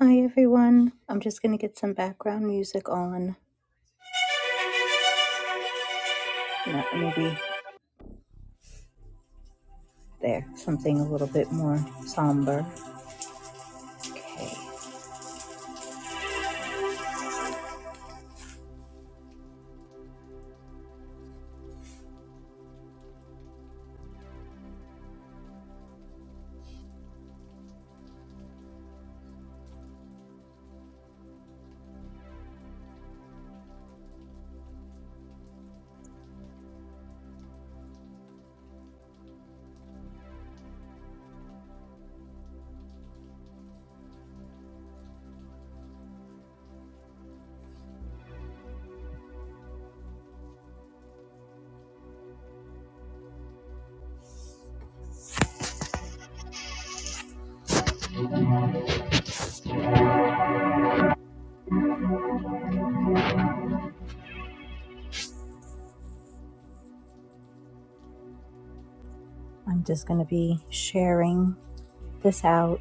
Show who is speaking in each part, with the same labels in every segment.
Speaker 1: Hi everyone. I'm just going to get some background music on. Not maybe there, something a little bit more somber. Okay. I'm just going to be sharing this out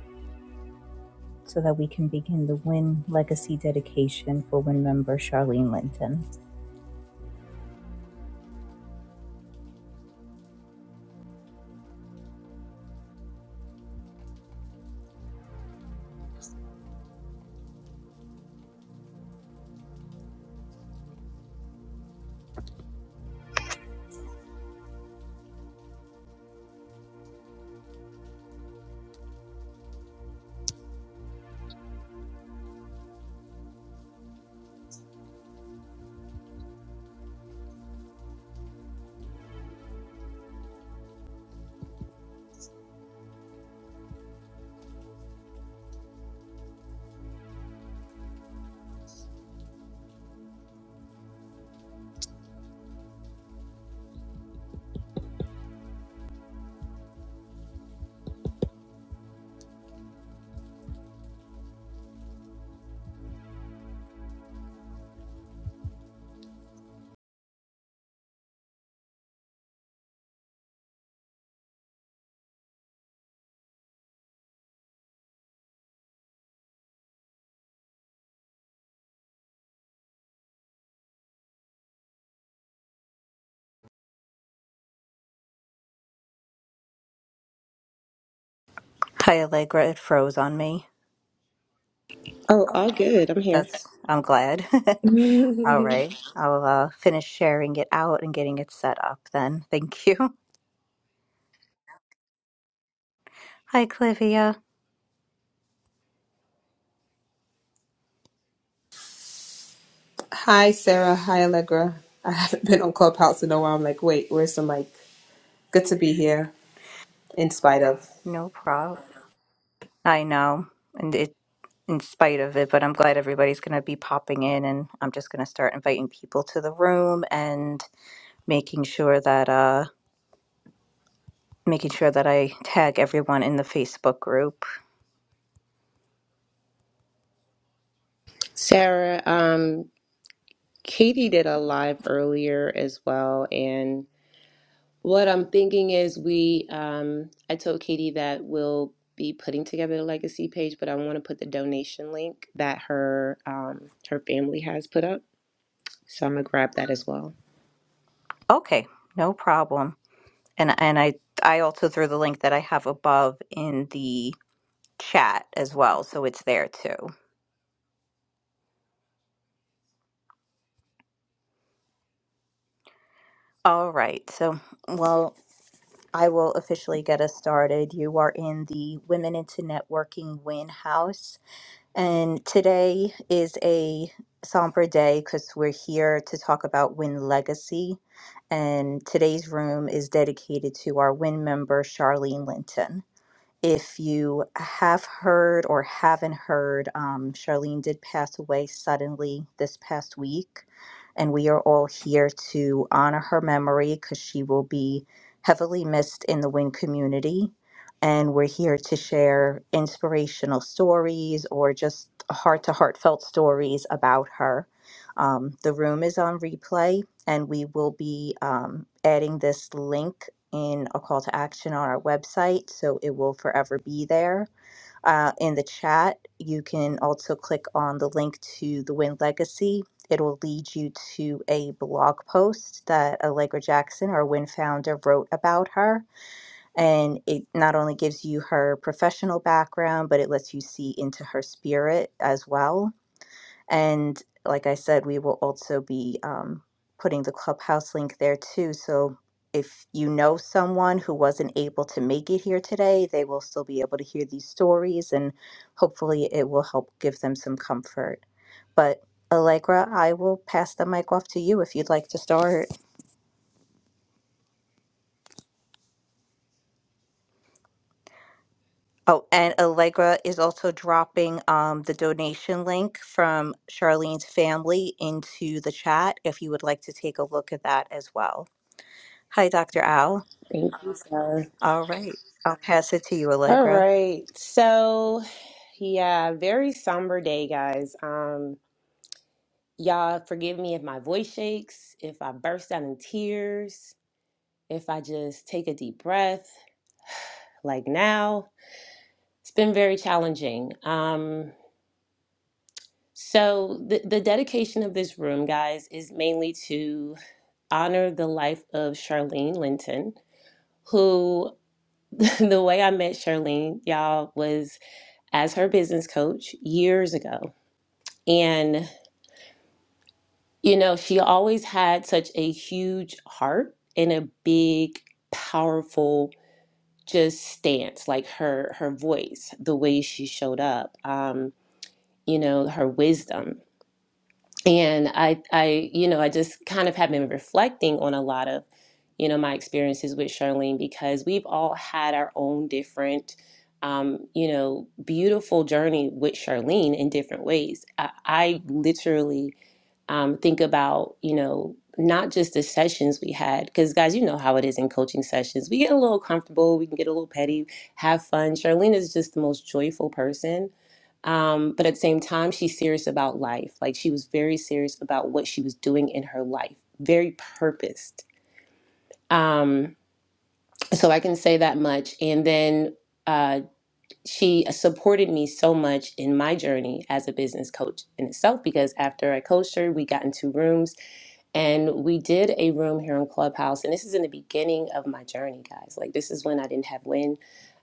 Speaker 1: so that we can begin the Win Legacy dedication for Win member Charlene Linton. Hi Allegra, it froze on me.
Speaker 2: Oh, all good. I'm here.
Speaker 1: That's I'm glad. All right. I'll uh, finish sharing it out and getting it set up then. Thank you. Hi Clivia.
Speaker 3: Hi, Sarah. Hi, Allegra. I haven't been on Clubhouse in a while. I'm like, wait, where's the mic? Good to be here, in spite of.
Speaker 1: No problem. I know. and it. in spite of it, but I'm glad everybody's going to be popping in and I'm just going to start inviting people to the room and making sure that uh making sure that I tag everyone in the Facebook group.
Speaker 2: Sarah, um, Katie did a live earlier as well, and what I'm thinking is we um I told Katie that we'll be putting together the legacy page, but I want to put the donation link that her um her family has put up. So I'm gonna grab that as well.
Speaker 1: Okay, no problem. And and I I also threw the link that I have above in the chat as well, so it's there too. All right. So, well, I will officially get us started. You are in the Women into Networking Win House And today is a somber day because we're here to talk about Win Legacy. And today's room is dedicated to our Win member, Charlene Linton. If you have heard or haven't heard, um, Charlene did pass away suddenly this past week, and we are all here to honor her memory because she will be heavily missed in the Wynn community. And we're here to share inspirational stories or just heart to heartfelt stories about her. Um, the room is on replay, and we will be um, adding this link in a call to action on our website, so it will forever be there. Uh, in the chat, you can also click on the link to the Win Legacy. It'll lead you to a blog post that Allegra Jackson, our Win founder, wrote about her. And it not only gives you her professional background, but it lets you see into her spirit as well and like I said, we will also be um, putting the clubhouse link there too. So if you know someone who wasn't able to make it here today, they will still be able to hear these stories and hopefully it will help give them some comfort. But Allegra, I will pass the mic off to you if you'd like to start. Oh, and Allegra is also dropping um, the donation link from Charlene's family into the chat if you would like to take a look at that as well. Hi, Dr. Al.
Speaker 2: Thank you, Sarah.
Speaker 1: All right. I'll pass it to you,
Speaker 2: All
Speaker 1: Allegra.
Speaker 2: right. So yeah, very somber day, guys. Um, y'all forgive me if my voice shakes, if I burst out in tears if I just take a deep breath, like now, it's been very challenging. Um, so, the, the dedication of this room, guys, is mainly to honor the life of Charlene Linton, who the way I met Charlene, y'all, was as her business coach years ago. And, you know, she always had such a huge heart and a big, powerful just stance, like her her voice, the way she showed up, um, you know, her wisdom. And I I you know, I just kind of have been reflecting on a lot of, you know, my experiences with Charlene because we've all had our own different um, you know, beautiful journey with Charlene in different ways. I, I literally um, think about, you know, not just the sessions we had, because guys, you know how it is in coaching sessions. We get a little comfortable, we can get a little petty, have fun. Charlene is just the most joyful person. Um, but at the same time, she's serious about life. Like she was very serious about what she was doing in her life, very purposed. Um, so I can say that much. And then uh, she supported me so much in my journey as a business coach in itself because after I coached her, we got into rooms and we did a room here in Clubhouse. And this is in the beginning of my journey, guys. Like, this is when I didn't have win,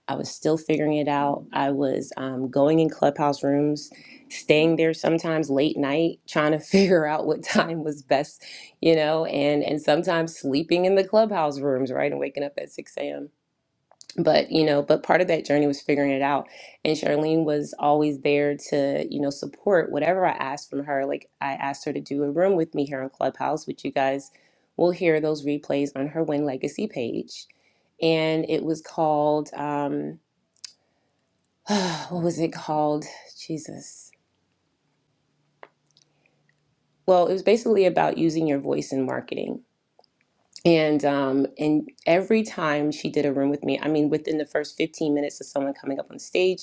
Speaker 2: I was still figuring it out. I was um, going in clubhouse rooms, staying there sometimes late night, trying to figure out what time was best, you know, and and sometimes sleeping in the clubhouse rooms, right, and waking up at six a.m but you know but part of that journey was figuring it out and charlene was always there to you know support whatever i asked from her like i asked her to do a room with me here on clubhouse which you guys will hear those replays on her win legacy page and it was called um what was it called jesus well it was basically about using your voice in marketing And um, and every time she did a room with me, I mean, within the first 15 minutes of someone coming up on stage,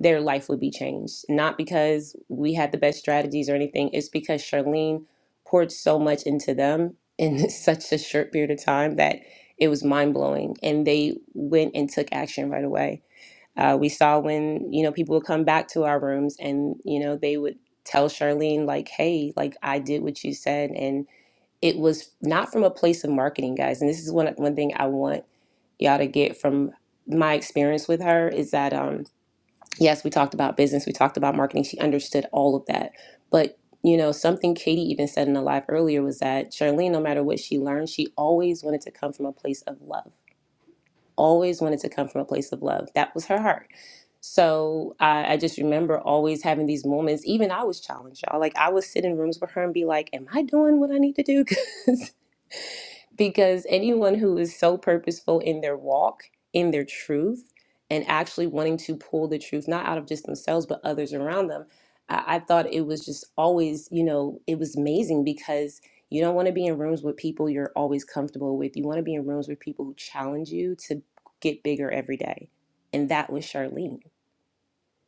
Speaker 2: their life would be changed. Not because we had the best strategies or anything, it's because Charlene poured so much into them in such a short period of time that it was mind blowing. And they went and took action right away. Uh, we saw when you know people would come back to our rooms, and you know they would tell Charlene like, "Hey, like I did what you said," and it was not from a place of marketing, guys. And this is one one thing I want y'all to get from my experience with her is that um yes, we talked about business, we talked about marketing. She understood all of that. But you know, something Katie even said in the live earlier was that Charlene, no matter what she learned, she always wanted to come from a place of love. Always wanted to come from a place of love. That was her heart. So I, I just remember always having these moments. Even I was challenged, y'all. Like I would sit in rooms with her and be like, "Am I doing what I need to do?" because anyone who is so purposeful in their walk, in their truth, and actually wanting to pull the truth, not out of just themselves, but others around them, I, I thought it was just always, you know, it was amazing because you don't want to be in rooms with people you're always comfortable with. You want to be in rooms with people who challenge you to get bigger every day. And that was Charlene.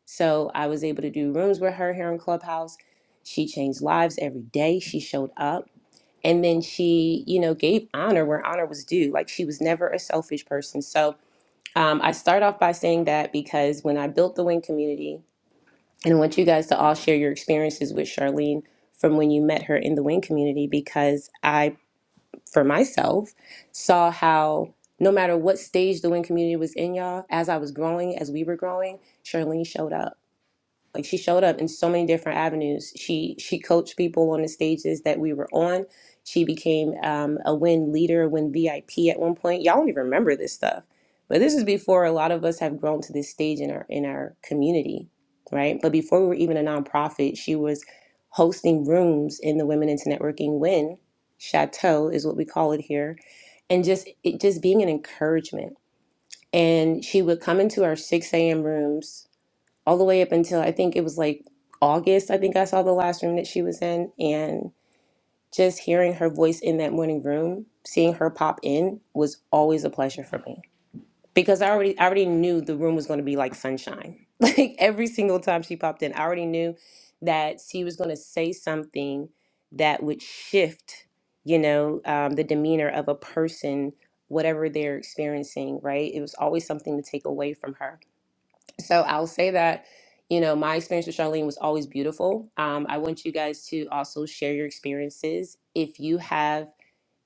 Speaker 2: So I was able to do rooms with her here in Clubhouse. She changed lives every day. She showed up. And then she, you know, gave honor where honor was due. Like she was never a selfish person. So um, I start off by saying that because when I built the Wing community, and I want you guys to all share your experiences with Charlene from when you met her in the Wing community, because I, for myself, saw how no matter what stage the Wing community was in, y'all, as I was growing, as we were growing, Charlene showed up like she showed up in so many different avenues she she coached people on the stages that we were on she became um, a win leader win vip at one point y'all don't even remember this stuff but this is before a lot of us have grown to this stage in our in our community right but before we were even a nonprofit she was hosting rooms in the women into networking win chateau is what we call it here and just it just being an encouragement and she would come into our 6 a.m rooms all the way up until I think it was like August. I think I saw the last room that she was in, and just hearing her voice in that morning room, seeing her pop in was always a pleasure for me because I already I already knew the room was going to be like sunshine. Like every single time she popped in, I already knew that she was going to say something that would shift, you know, um, the demeanor of a person, whatever they're experiencing. Right? It was always something to take away from her so I'll say that, you know, my experience with Charlene was always beautiful. Um, I want you guys to also share your experiences. If you have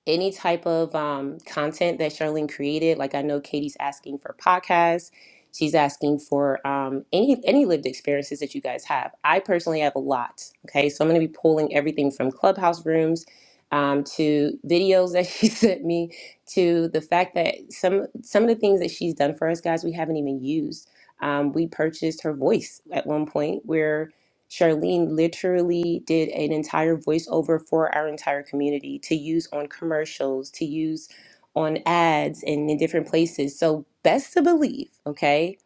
Speaker 2: any type of um, content that Charlene created. Like I know Katie's asking for podcasts. She's asking for um, any any lived experiences that you guys have. I personally have a lot. Okay, so I'm going to be pulling everything from clubhouse rooms um, to videos that she sent me to the fact that some some of the things that she's done for us guys we haven't even used. Um, we purchased her voice at one point where Charlene literally did an entire voiceover for our entire community to use on commercials, to use on ads and in different places. So, best to believe, okay,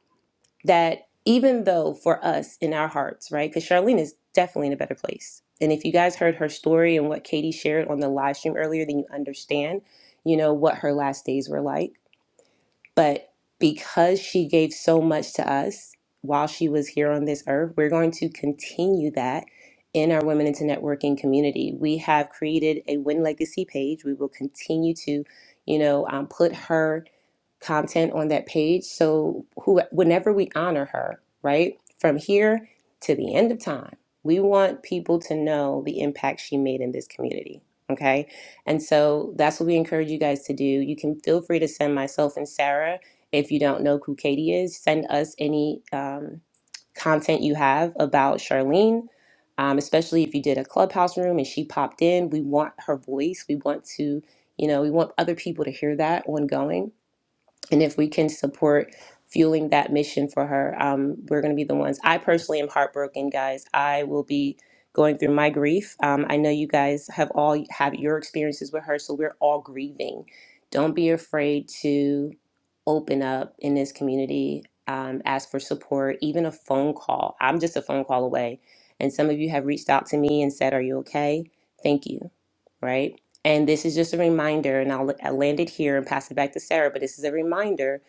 Speaker 2: that even though for us in our hearts, right, because Charlene is definitely in a better place. And if you guys heard her story and what Katie shared on the live stream earlier, then you understand, you know, what her last days were like but because she gave so much to us while she was here on this earth, we're going to continue that in our Women into Networking community. We have created a Win Legacy page. We will continue to, you know, um, put her content on that page. So who, whenever we honor her, right, from here to the end of time, we want people to know the impact she made in this community. Okay and so that's what we encourage you guys to do. You can feel free to send myself and Sarah, if you don't know who Katie is, send us any um, content you have about Charlene, um, especially if you did a clubhouse room and she popped in. We want her voice. We want to, you know, we want other people to hear that ongoing and if we can support fueling that mission for her um, we're going to be the ones i personally am heartbroken guys i will be going through my grief um, i know you guys have all have your experiences with her so we're all grieving don't be afraid to open up in this community um, ask for support even a phone call i'm just a phone call away and some of you have reached out to me and said are you okay thank you right and this is just a reminder, and I'll, I'll land it here and pass it back to Sarah, but this is a reminder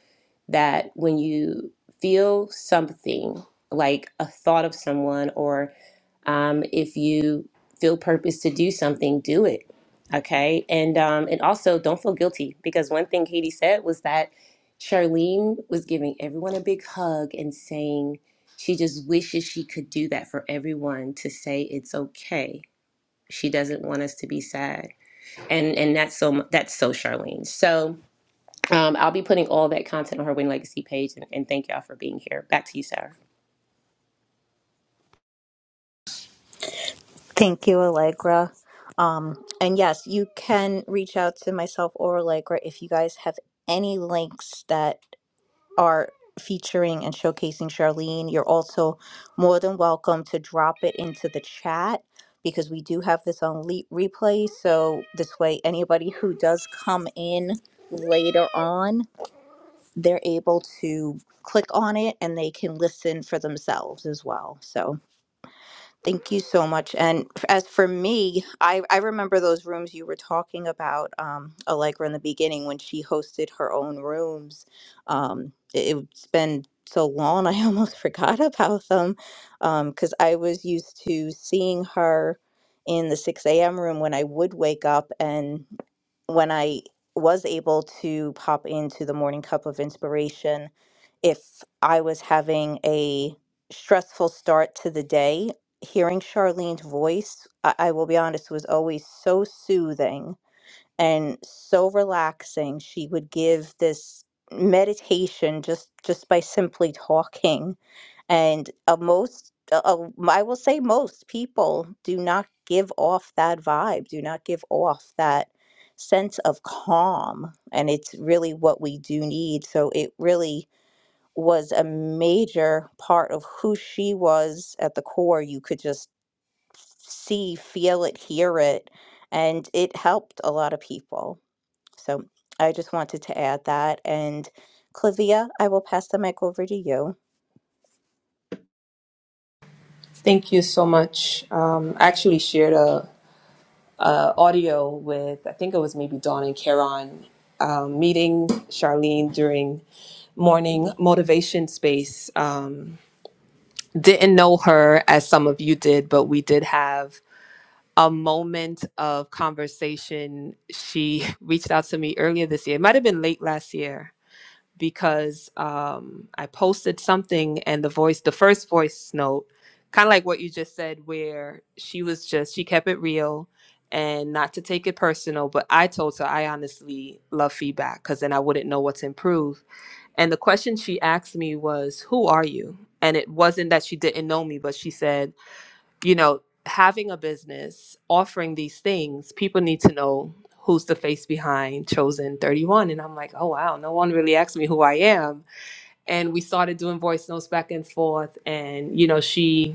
Speaker 2: that when you feel something like a thought of someone, or um, if you feel purpose to do something, do it. Okay. And, um, and also don't feel guilty because one thing Katie said was that Charlene was giving everyone a big hug and saying she just wishes she could do that for everyone to say it's okay. She doesn't want us to be sad and and that's so that's so Charlene. So um, I'll be putting all that content on her Win Legacy page, and, and thank y'all for being here. Back to you, Sarah.
Speaker 1: Thank you, Allegra. Um, and yes, you can reach out to myself or Allegra if you guys have any links that are featuring and showcasing Charlene. You're also more than welcome to drop it into the chat because we do have this on le- replay. So this way, anybody who does come in later on, they're able to click on it and they can listen for themselves as well. So. Thank you so much. And f- as for me, I, I remember those rooms you were talking about, um, Allegra in the beginning when she hosted her own rooms. Um, it, it's been so long, I almost forgot about them because I was used to seeing her in the 6 a.m. room when I would wake up and when I was able to pop into the morning cup of inspiration, if I was having a stressful start to the day, hearing Charlene's voice, I, I will be honest, was always so soothing and so relaxing. She would give this meditation just just by simply talking and uh, most uh, uh, i will say most people do not give off that vibe do not give off that sense of calm and it's really what we do need so it really was a major part of who she was at the core you could just see, feel it, hear it, and it helped a lot of people. So I just wanted to add that. And Clivia, I will pass the mic over to you.
Speaker 3: Thank you so much. Um, I actually shared a, a audio with, I think it was maybe Dawn and Karen, um, meeting Charlene during morning motivation space. Um, didn't know her as some of you did, but we did have a moment of conversation. She reached out to me earlier this year. It might have been late last year because um, I posted something and the voice, the first voice note, kind of like what you just said, where she was just, she kept it real and not to take it personal. But I told her I honestly love feedback because then I wouldn't know what to improve. And the question she asked me was, Who are you? And it wasn't that she didn't know me, but she said, you know, having a business, offering these things, people need to know who's the face behind Chosen 31. And I'm like, oh, wow, no one really asked me who I am. And we started doing voice notes back and forth. And, you know, she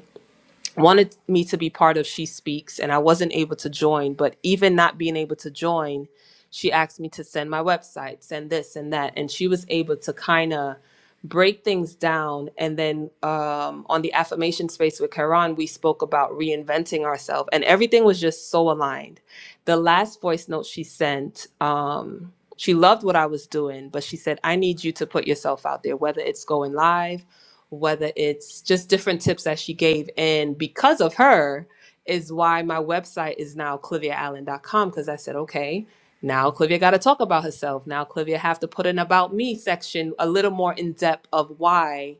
Speaker 3: wanted me to be part of She Speaks, and I wasn't able to join. But even not being able to join, she asked me to send my website, send this and that. And she was able to kind of break things down. And then um, on the affirmation space with Karan, we spoke about reinventing ourselves, and everything was just so aligned. The last voice note she sent, um, she loved what I was doing, but she said, I need you to put yourself out there, whether it's going live whether it's just different tips that she gave. And because of her, is why my website is now cliviaallen.com because I said, okay, now Clivia got to talk about herself. Now Clivia have to put an about me section a little more in depth of why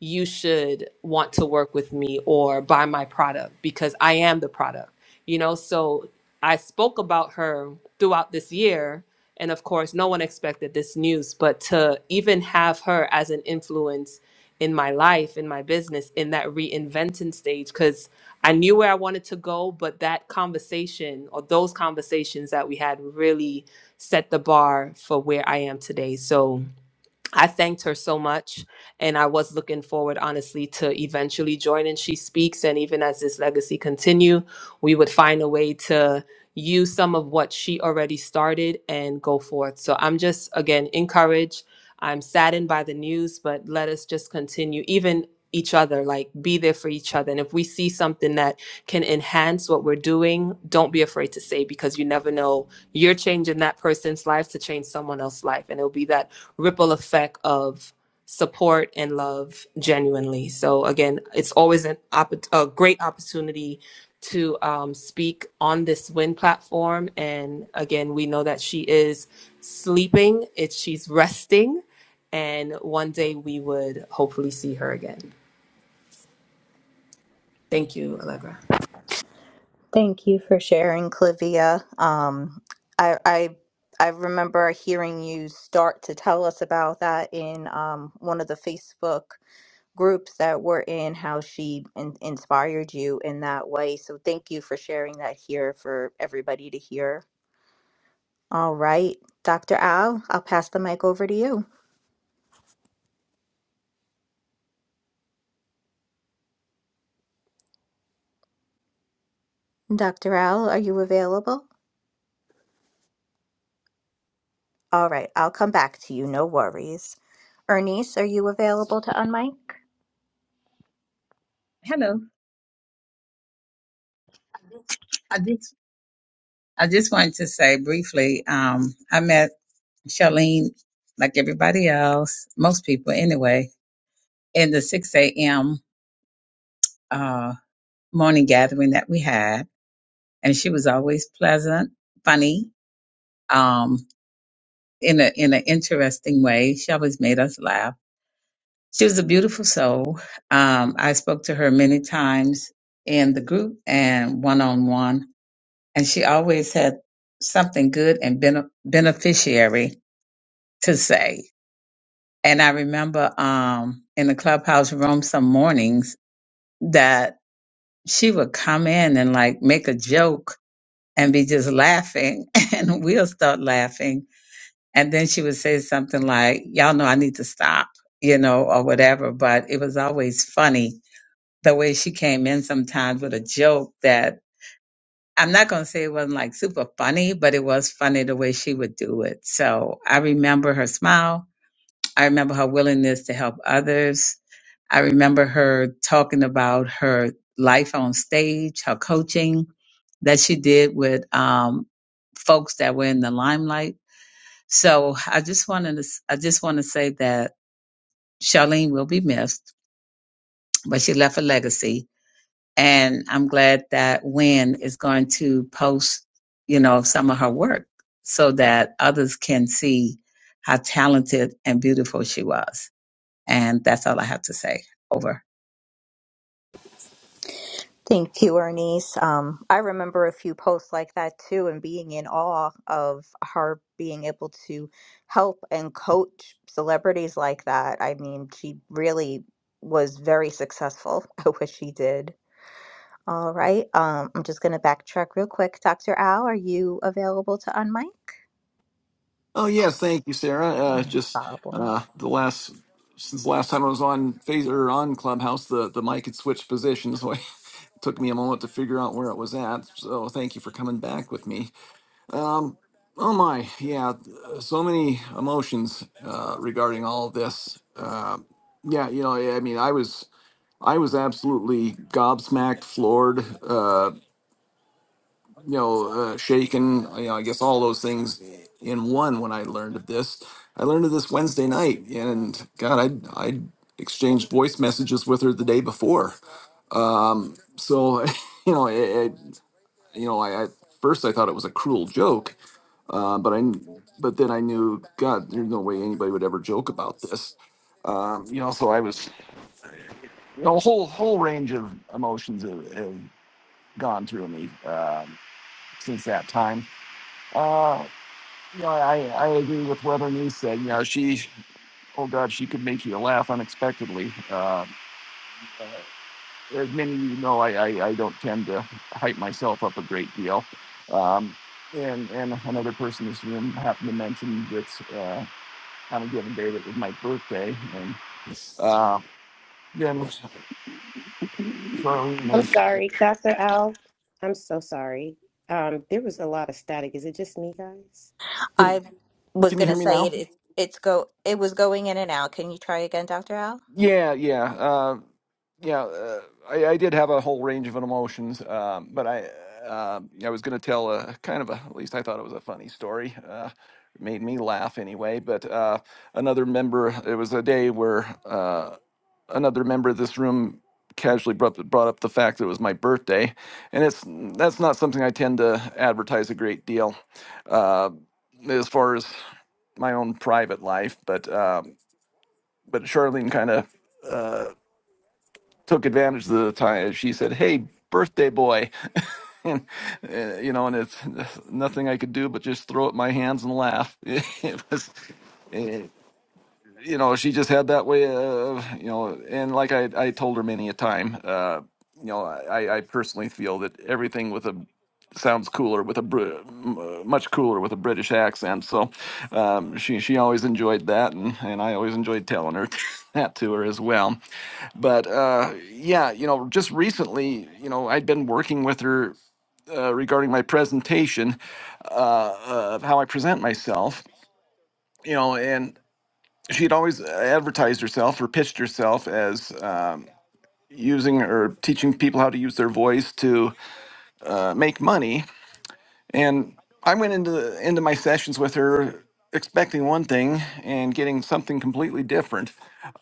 Speaker 3: you should want to work with me or buy my product because I am the product. You know, so I spoke about her throughout this year. And of course, no one expected this news, but to even have her as an influence in my life, in my business, in that reinventing stage, because I knew where I wanted to go, but that conversation or those conversations that we had really set the bar for where I am today. So, I thanked her so much, and I was looking forward, honestly, to eventually joining She Speaks. And even as this legacy continue, we would find a way to use some of what she already started and go forth. So I'm just again encouraged. I'm saddened by the news, but let us just continue, even each other, like be there for each other. And if we see something that can enhance what we're doing, don't be afraid to say because you never know. You're changing that person's life to change someone else's life, and it'll be that ripple effect of support and love genuinely. So again, it's always an opp- a great opportunity to um, speak on this Win platform. And again, we know that she is sleeping; it's she's resting, and one day we would hopefully see her again. Thank you, Allegra.
Speaker 1: Thank you for sharing, Clivia. Um, I, I I remember hearing you start to tell us about that in um, one of the Facebook groups that we're in, how she in- inspired you in that way. So thank you for sharing that here for everybody to hear. All right, Dr. Al, I'll pass the mic over to you. Dr. Al, are you available? All right, I'll come back to you, no worries. Ernice, are you available to unmic?
Speaker 4: Hello. I just I just wanted to say briefly, um, I met Charlene like everybody else, most people anyway, in the six AM uh morning gathering that we had. And she was always pleasant, funny, um, in a in an interesting way. She always made us laugh. She was a beautiful soul. Um, I spoke to her many times in the group and one on one, and she always had something good and bene beneficiary to say. And I remember um, in the clubhouse room some mornings that she would come in and like make a joke and be just laughing, and we'll start laughing. And then she would say something like, Y'all know I need to stop, you know, or whatever. But it was always funny the way she came in sometimes with a joke that I'm not going to say it wasn't like super funny, but it was funny the way she would do it. So I remember her smile. I remember her willingness to help others I remember her talking about her life on stage, her coaching that she did with um, folks that were in the limelight. So I just wanted to, I just want to say that Charlene will be missed, but she left a legacy, and I'm glad that Wynn is going to post, you know, some of her work so that others can see how talented and beautiful she was. And that's all I have to say. Over.
Speaker 1: Thank you, Ernice. Um, I remember a few posts like that too, and being in awe of her being able to help and coach celebrities like that. I mean, she really was very successful at what she did. All right. Um, I'm just going to backtrack real quick. Dr. Al, are you available to unmic?
Speaker 5: Oh yes, thank you, Sarah. Uh,
Speaker 1: No
Speaker 5: just
Speaker 1: problem.
Speaker 5: uh, the last since the last time I was on phase or on Clubhouse, the the mic had switched positions, so it took me a moment to figure out where it was at. So thank you for coming back with me. Oh my, yeah, uh, so many emotions uh, regarding all this. Uh, yeah, you know, I mean, I was I was absolutely gobsmacked, floored. Uh, you know, uh, shaken, you know, I guess all those things in one when I learned of this. I learned of this Wednesday night, and God, I I exchanged voice messages with her the day before. Um, so, you know, it, it, you know, I at first I thought it was a cruel joke, uh, but I kn- but then I knew God, there's no way anybody would ever joke about this. Um, you know, so I was you know, a whole whole range of emotions have, have gone through me um since that time Uh, Yeah, I, I agree with what Bernice said. You know, she, oh God, she could make you laugh unexpectedly. Uh, uh, as many of you know, I, I, I don't tend to hype myself up a great deal. Um, and, and another person in this room happened to mention that uh, on a given day that was my birthday. And uh, then, sorry,
Speaker 2: I'm sorry, Dr. Al. I'm so sorry. Um, there was a lot of static. Is it just me, guys?
Speaker 1: I was
Speaker 5: can you
Speaker 1: going to
Speaker 5: hear me
Speaker 1: say
Speaker 5: now?
Speaker 1: it, it. It's go. It was going in and out. Can you try again, Dr. Al?
Speaker 5: Yeah, yeah. uh, Yeah, uh, I, I did have a whole range of emotions, um, but I uh, yeah, I was going to tell a kind of a at least I thought it was a funny story. Uh, made me laugh anyway. But uh, another member, it was a day where uh, another member of this room casually brought brought up the fact that it was my birthday, and it's that's not something I tend to advertise a great deal, uh, as far as my own private life, but. Uh, but Charlene kind of took advantage of the time. She said, "Hey, birthday boy," and uh, you know, and it's nothing I could do but just throw up my hands and laugh. It was. eh, you know she just had that way of you know and like i i told her many a time uh you know i i personally feel that everything with a sounds cooler with a Br- m- uh, much cooler with a british accent so um she she always enjoyed that and and i always enjoyed telling her that to her as well but uh yeah you know just recently you know i'd been working with her uh, regarding my presentation uh, of how i present myself you know, and she'd always advertised herself or pitched herself as um, using or teaching people how to use their voice to uh, make money. And I went into the, into my sessions with her expecting one thing and getting something completely different.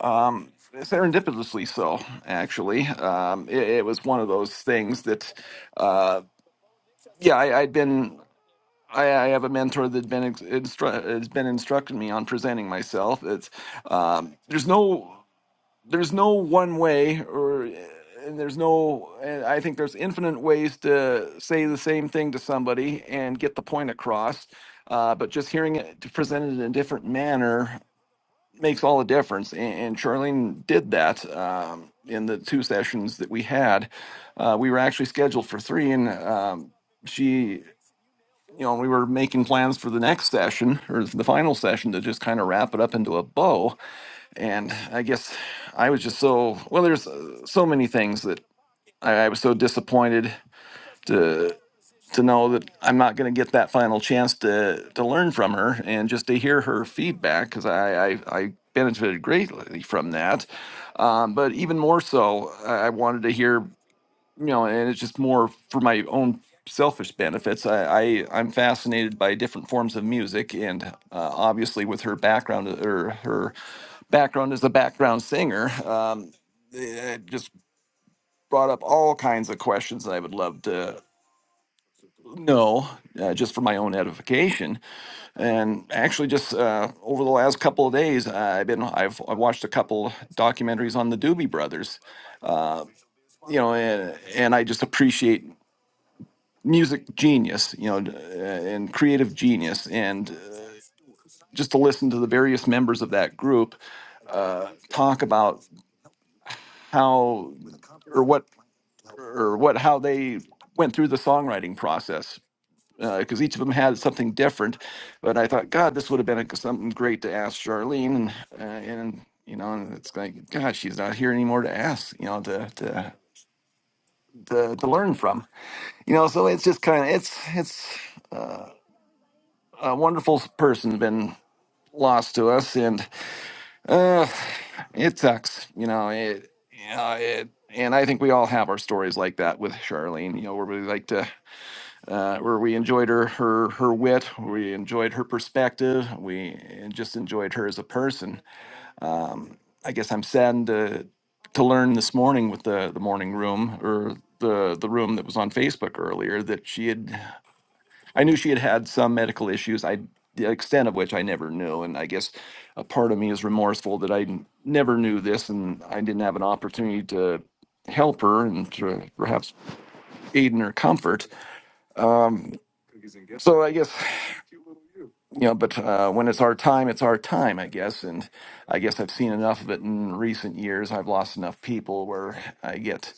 Speaker 5: Um, serendipitously so actually um, it, it was one of those things that uh, yeah I, i'd been I, I have a mentor that's been ex- instru- has been instructing me on presenting myself. It's um, there's no there's no one way or and there's no and i think there's infinite ways to say the same thing to somebody and get the point across uh, but just hearing it presented in a different manner makes all the difference and, and charlene did that um, in the two sessions that we had uh, we were actually scheduled for three and um, she you know we were making plans for the next session or the final session to just kind of wrap it up into a bow and I guess I was just so well. There's uh, so many things that I, I was so disappointed to to know that I'm not going to get that final chance to to learn from her and just to hear her feedback because I, I I benefited greatly from that. Um, but even more so, I I wanted to hear you know, and it's just more for my own selfish benefits. I, I I'm fascinated by different forms of music, and uh, obviously with her background or her background as a background singer, um, eh, it just brought up all kinds of questions that I would love to know uh, just for my own edification and actually just uh, over the last couple of days i've been i've, I've watched a couple documentaries on the doobie brothers uh, you know, and, and I just appreciate music genius, you know, uh, and creative genius. And uh, just to listen to the various members of that group uh, talk about how or what or what how they went through the songwriting process because each of them had something different. But I thought, God, this would have been a, something great to ask Charlene, and, uh, and you know, and it's like, God, she's not here anymore to ask, you know, to to to, to learn from, you know. So it's just kind of it's it's a wonderful person, been Lost to us, and uh, it sucks. You know, it, you know, it, and I think we all have our stories like that with Charlene. You know, where we like to, uh, where we enjoyed her, her, her wit, we enjoyed her perspective, we just enjoyed her as a person. Um, I guess I'm saddened to to learn this morning with the the morning room or the the room that was on Facebook earlier that she had. I knew she had had some medical issues. I the extent of which I never knew, and I guess a part of me is remorseful that I n- never knew this, and I didn't have an opportunity to help her and to perhaps aid in her comfort. So I guess you know, but uh, when it's our time, it's our time, I guess. And I guess I've seen enough of it in recent years. I've lost enough people where I get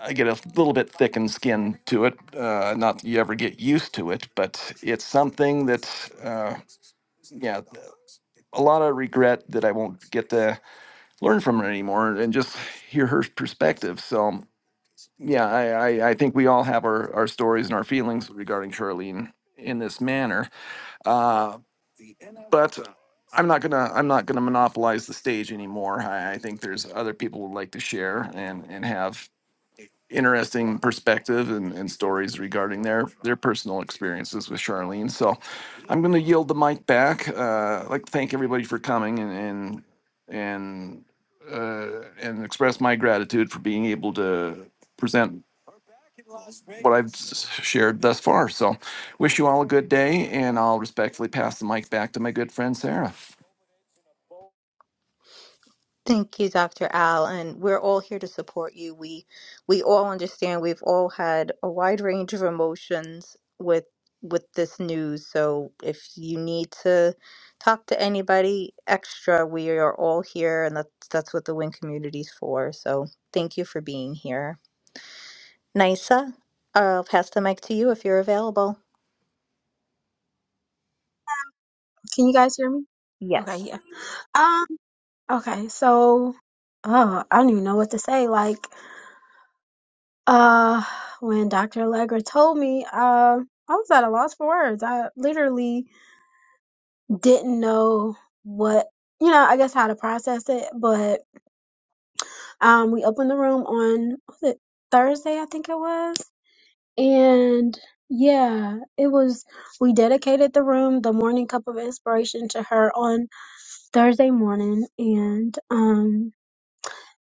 Speaker 5: I get a little bit thickened skin to it. Uh, not that you ever get used to it, but it's something that uh, yeah. a lot of regret that I won't get to learn from her anymore and just hear her perspective. So yeah, I, I, I think we all have our, our stories and our feelings regarding Charlene in this manner. Uh, but I'm not gonna I'm not gonna monopolize the stage anymore. I, I think there's other people would like to share and and have interesting perspective and, and stories regarding their their personal experiences with Charlene. So I'm going to yield the mic back. Uh, I'd like to thank everybody for coming and and and, uh, and express my gratitude for being able to present what I've s- shared thus far. So wish you all a good day, and I'll respectfully pass the mic back to my good friend Sarah.
Speaker 1: Thank you, Dr. Al, and we're all here to support you. We we all understand we've all had a wide range of emotions with with this news. So if you need to talk to anybody extra, we are all here and that's that's what the WIN community's for. So thank you for being here. Nisa, I'll pass the mic to you if you're available.
Speaker 6: Can you guys hear me? Okay,
Speaker 1: Yes.
Speaker 6: yeah. Um, okay, so oh, I don't even know what to say. Like, uh, when Dr. Allegra told me, um, I was at a loss for words. I literally didn't know what you know, I guess how to process it, but um we opened the room on was it Thursday, I think it was. And yeah, it was we dedicated the room, the morning cup of inspiration to her on Thursday morning and um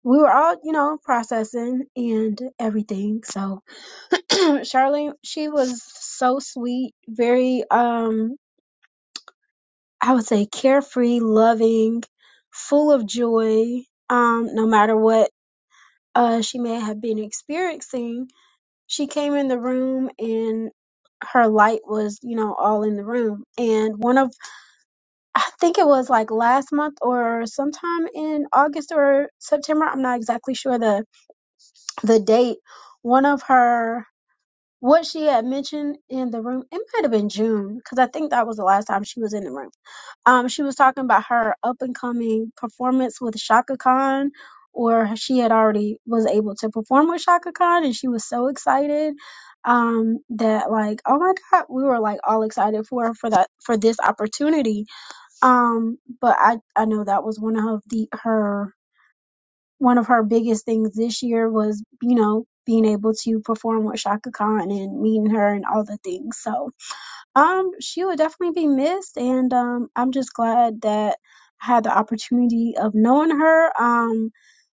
Speaker 6: we were all, you know, processing and everything. So Charlene, she was so sweet, very um I would say carefree, loving, full of joy, um, no matter what uh she may have been experiencing. She came in the room and her light was, you know, all in the room. And one of I think it was like last month or sometime in August or September, I'm not exactly sure the. the date one of her what she had mentioned in the room it might have been june because i think that was the last time she was in the room um she was talking about her up and coming performance with shaka khan or she had already was able to perform with shaka khan and she was so excited um that like oh my god we were like all excited for her for that for this opportunity um but i i know that was one of the her one of her biggest things this year was, you know, being able to perform with Shaka Khan and meeting her and all the things. So, um, she would definitely be missed, and um, I'm just glad that I had the opportunity of knowing her. Um,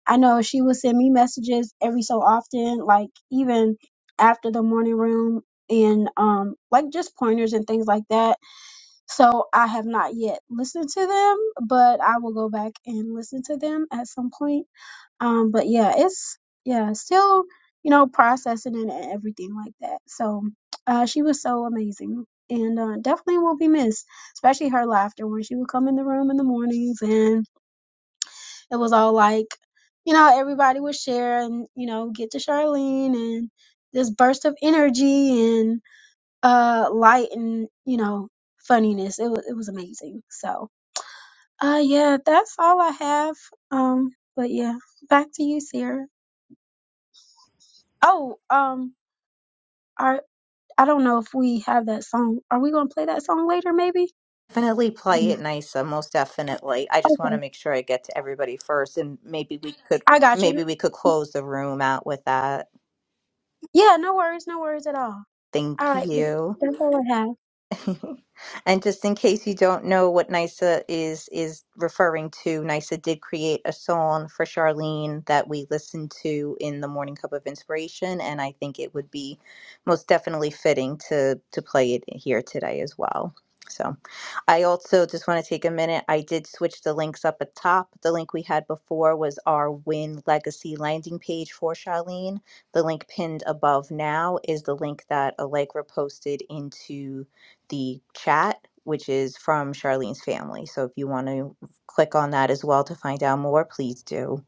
Speaker 6: I know she would send me messages every so often, like even after the morning room and um like just pointers and things like that so i have not yet listened to them but i will go back and listen to them at some point um, but yeah, it's yeah, still, you know, processing and and everything like that. So uh she was so amazing and uh definitely will be missed, especially her laughter when she would come in the room in the mornings and it was all like, you know, everybody would share and, you know, get to Charlene and this burst of energy and uh light and, you know, funniness. It was it was amazing. So uh yeah, that's all I have. Um but yeah, back to you, Sierra. Oh, um, I I don't know if we have that song. Are we gonna play that song later, maybe?
Speaker 1: Definitely play
Speaker 6: Mm.
Speaker 1: it nicer, most definitely. I just want to
Speaker 6: Okay,
Speaker 1: make sure I get to everybody first, and maybe we could
Speaker 6: I got you.
Speaker 1: maybe we could close the room out with that.
Speaker 6: Yeah, no worries, no worries at all. All
Speaker 1: Thank
Speaker 6: right,
Speaker 1: you.
Speaker 6: that's all I have.
Speaker 1: And just in case you don't know what NISA is is referring to, NISA did create a song for Charlene that we listened to in the Morning Cup of Inspiration, and I think it would be most definitely fitting to to play it here today as well. So, I also just want to take a minute. I did switch the links up at top. The link we had before was our Win Legacy landing page for Charlene. The link pinned above now is the link that Allegra posted into the chat, which is from Charlene's family. So if you want to click on that as well to find out more, please do.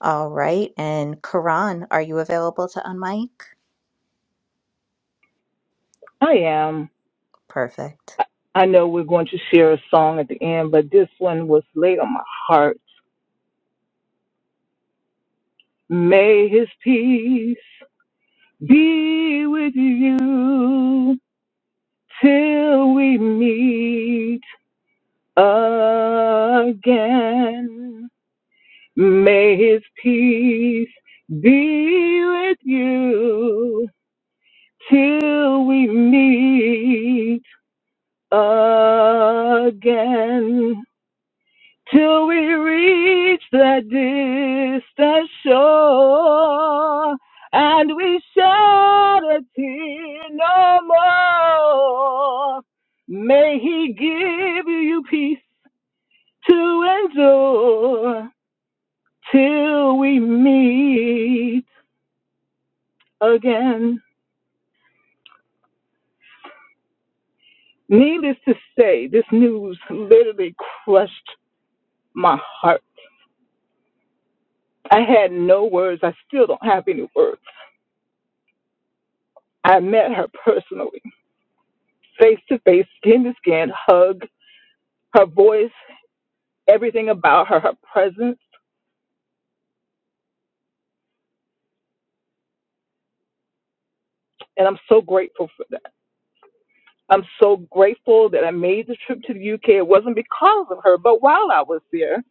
Speaker 1: All right. And Karan, are you available to unmic?
Speaker 7: I am.
Speaker 1: Perfect.
Speaker 7: I I know we're going to share a song at the end, but this one was laid on my heart. May his peace be with you till we meet again. May his peace be with you till we meet again. till we reach the distant shore and we shed a tear no more. May He give you peace to endure till we meet again. Needless to say, this news literally crushed my heart. I had no words. I still don't have any words. I met her personally face to face, skin to skin, hug, her voice, everything about her, her presence. And I'm so grateful for that. I'm so grateful that I made the trip to the UK. It wasn't because of her, but while I was there,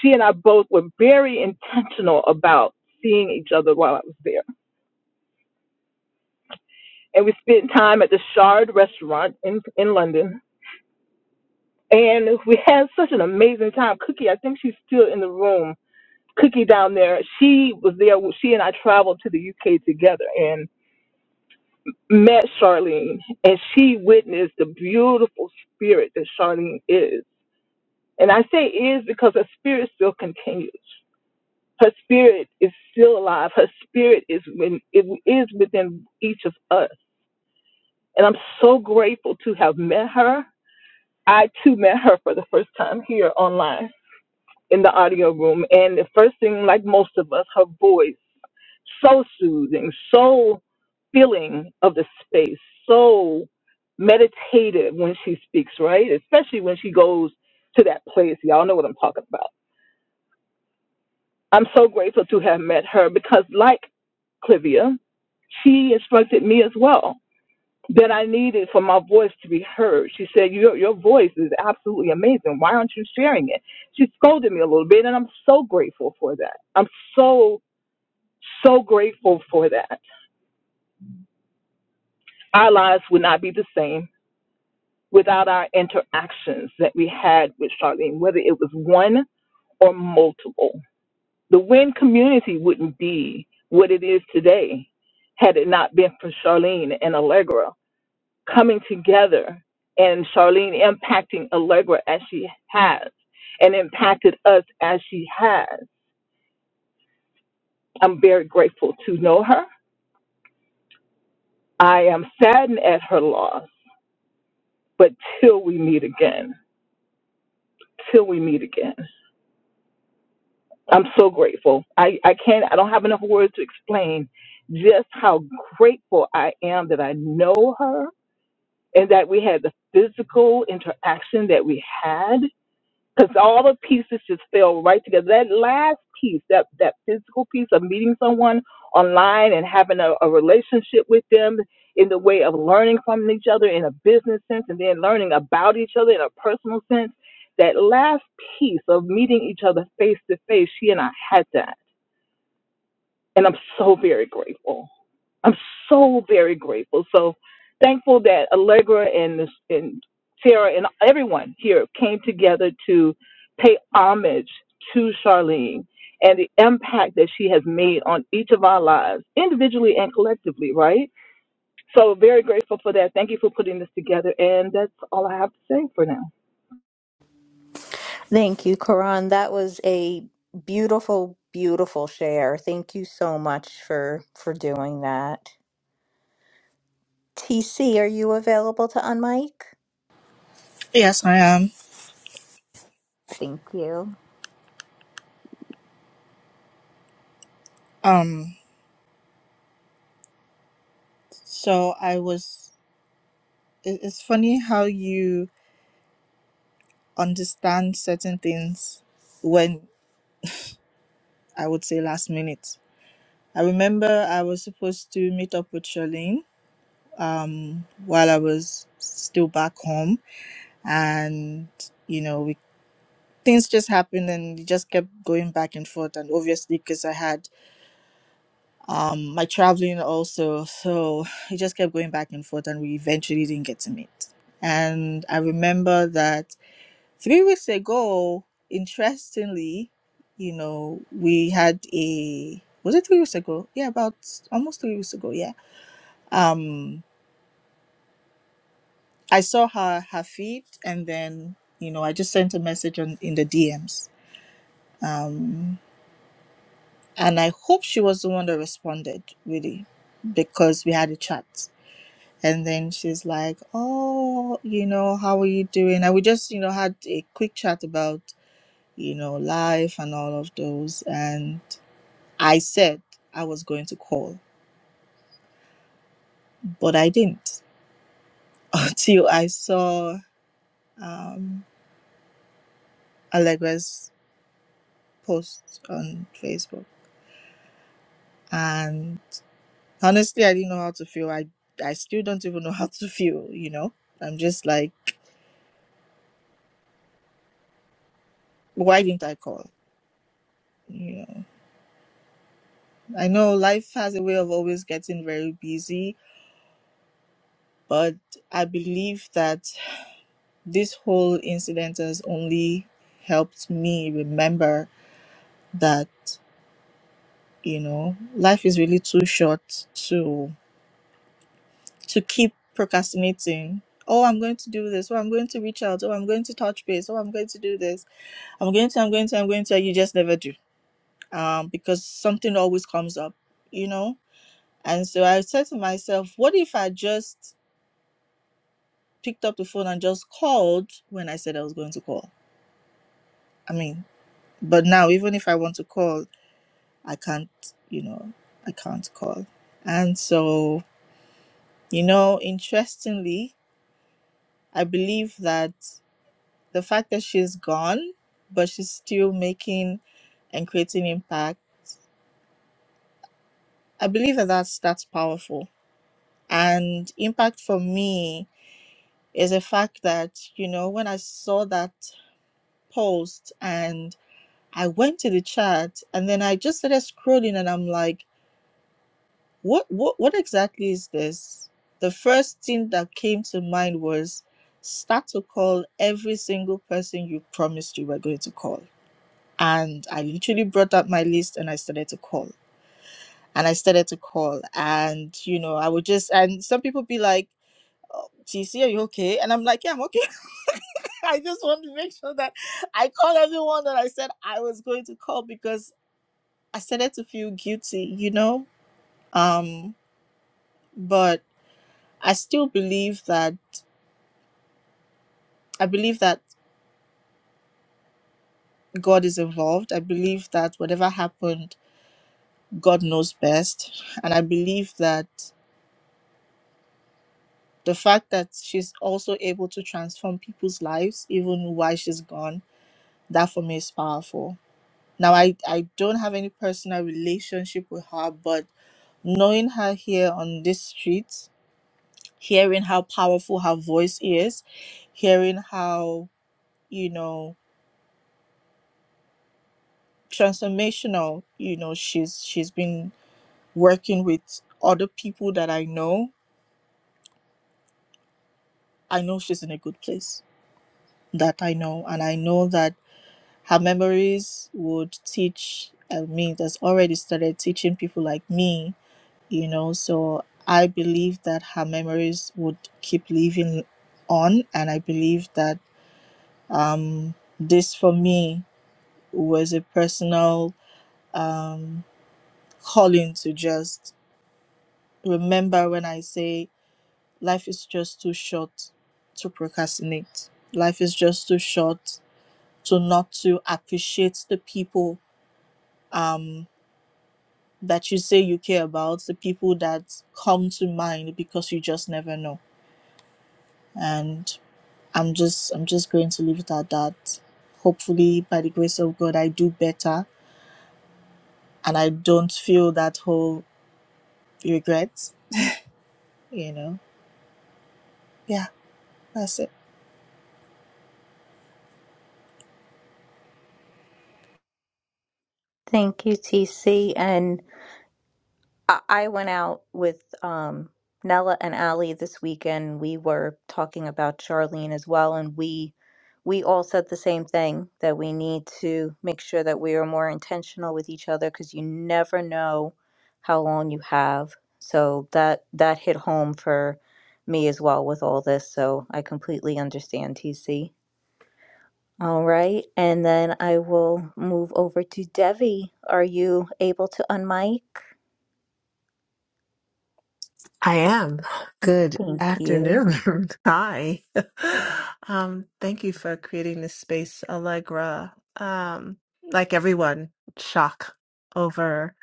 Speaker 7: she and I both were very intentional about seeing each other while I was there. And we spent time at the Shard restaurant in, in London. And we had such an amazing time. Cookie, I think she's still in the room. Cookie down there, she was there. She and I traveled to the UK together. and met Charlene and she witnessed the beautiful spirit that Charlene is. And I say is because her spirit still continues. Her spirit is still alive. Her spirit is when it is within each of us. And I'm so grateful to have met her. I too met her for the first time here online in the audio room. And the first thing, like most of us, her voice. so soothing, so filling of the space, so meditative when she speaks, right? Especially when she goes to that place. Y'all know what I'm talking about. I'm so grateful to have met her because, like Clivia, she instructed me as well that I needed for my voice to be heard. She said, your, your voice is absolutely amazing. Why aren't you sharing it? She scolded me a little bit, and I'm so grateful for that. I'm so, so grateful for that Our lives would not be the same without our interactions that we had with Charlene, whether it was one or multiple. The WIN community wouldn't be what it is today had it not been for Charlene and Allegra coming together and Charlene impacting Allegra as she has and impacted us as she has. I'm very grateful to know her. I am saddened at her loss, but till we meet again, till we meet again. I'm so grateful. I, I can't, I don't have enough words to explain just how grateful I am that I know her and that we had the physical interaction that we had because all the pieces just fell right together. That last piece, that that physical piece of meeting someone online and having a, a relationship with them in the way of learning from each other in a business sense, and then learning about each other in a personal sense. That last piece of meeting each other face to face, she and I had that and I'm so very grateful. I'm so very grateful. So thankful that Allegra and and Sarah and everyone here came together to pay homage to Charlene and the impact that she has made on each of our lives, individually and collectively, right? So very grateful for that. Thank you for putting this together. And that's all I have to say for now.
Speaker 1: Thank you, Karan. That was a beautiful, beautiful share. Thank you so much for for doing that. TC, are you available to unmic?
Speaker 8: Yes, I am.
Speaker 1: Thank you.
Speaker 8: Um, so I was. it- It's funny how you understand certain things when I would say last minute. I remember I was supposed to meet up with Charlene um, while I was still back home, and you know, we, things just happened and we just kept going back and forth. And obviously, because I had um my traveling also so it just kept going back and forth and we eventually didn't get to meet and i remember that three weeks ago interestingly you know we had a was it three weeks ago yeah about almost three weeks ago yeah um i saw her her feed and then you know i just sent a message on in the dms um and i hope she was the one that responded really because we had a chat And then she's like, Oh, you know, how are you doing? And we just, you know, had a quick chat about, you know, life and all of those. And I said I was going to call, but I didn't until I saw um, Allegra's post on Facebook. And honestly, I didn't know how to feel. I, I still don't even know how to feel, you know? I'm just like, why didn't I call? You know, I know life has a way of always getting very busy But I believe that this whole incident has only helped me remember that, you know, life is really too short to to keep procrastinating. Oh, I'm going to do this. Oh, I'm going to reach out. Oh, I'm going to touch base. Oh, I'm going to do this. I'm going to, I'm going to, I'm going to. You just never do. Um, because something always comes up, you know? And so I said to myself, what if I just picked up the phone and just called when I said I was going to call? I mean, But now, even if I want to call, I can't, you know, I can't call. And so, you know, interestingly, I believe that the fact that she's gone, but she's still making and creating impact, I believe that that's, that's powerful. And impact for me is the fact that, you know, when I saw that post and I went to the chat and then I just started scrolling and I'm like, What what what exactly is this? The first thing that came to mind was start to call every single person you promised you were going to call. And I literally brought up my list and I started to call. And I started to call. And you know, I would just and some people be like, oh, TC, are you okay? And I'm like, Yeah, I'm okay. I just want to make sure that I call everyone that I said I was going to call because I started to feel guilty, you know? Um, but I still believe that I believe that God is involved. I believe that whatever happened, God knows best. And I believe that the fact that she's also able to transform people's lives, even while she's gone, that for me is powerful. Now, I, I don't have any personal relationship with her, but knowing her here on this street, hearing how powerful her voice is, hearing how, you know, transformational, you know, she's she's been working with other people that I know, I know she's in a good place. That I know. And I know that her memories would teach uh, me, that's already started teaching people like me, you know. So I believe that her memories would keep living on. And I believe that um, this for me was a personal um, calling to just remember when I say Life is just too short to procrastinate. Life is just too short to not to appreciate the people um, that you say you care about, the people that come to mind because you just never know. And I'm just I'm just going to leave it at that. Hopefully, by the grace of God, I do better and I don't feel that whole regret. You know, yeah, that's it.
Speaker 1: Thank you, TC. and. I I went out with um, Nella and Ali this weekend. We were talking about Charlene as well, and we we all said the same thing that we need to make sure that we are more intentional with each other because you never know how long you have. So that that hit home for me as well with all this. So I completely understand TC. All right, and then I will move over to Devi. Are you able to unmic?
Speaker 9: I am. Good
Speaker 1: Thank you.
Speaker 9: afternoon. Hi. Um, thank you for creating this space, Allegra. Um, like everyone, shock over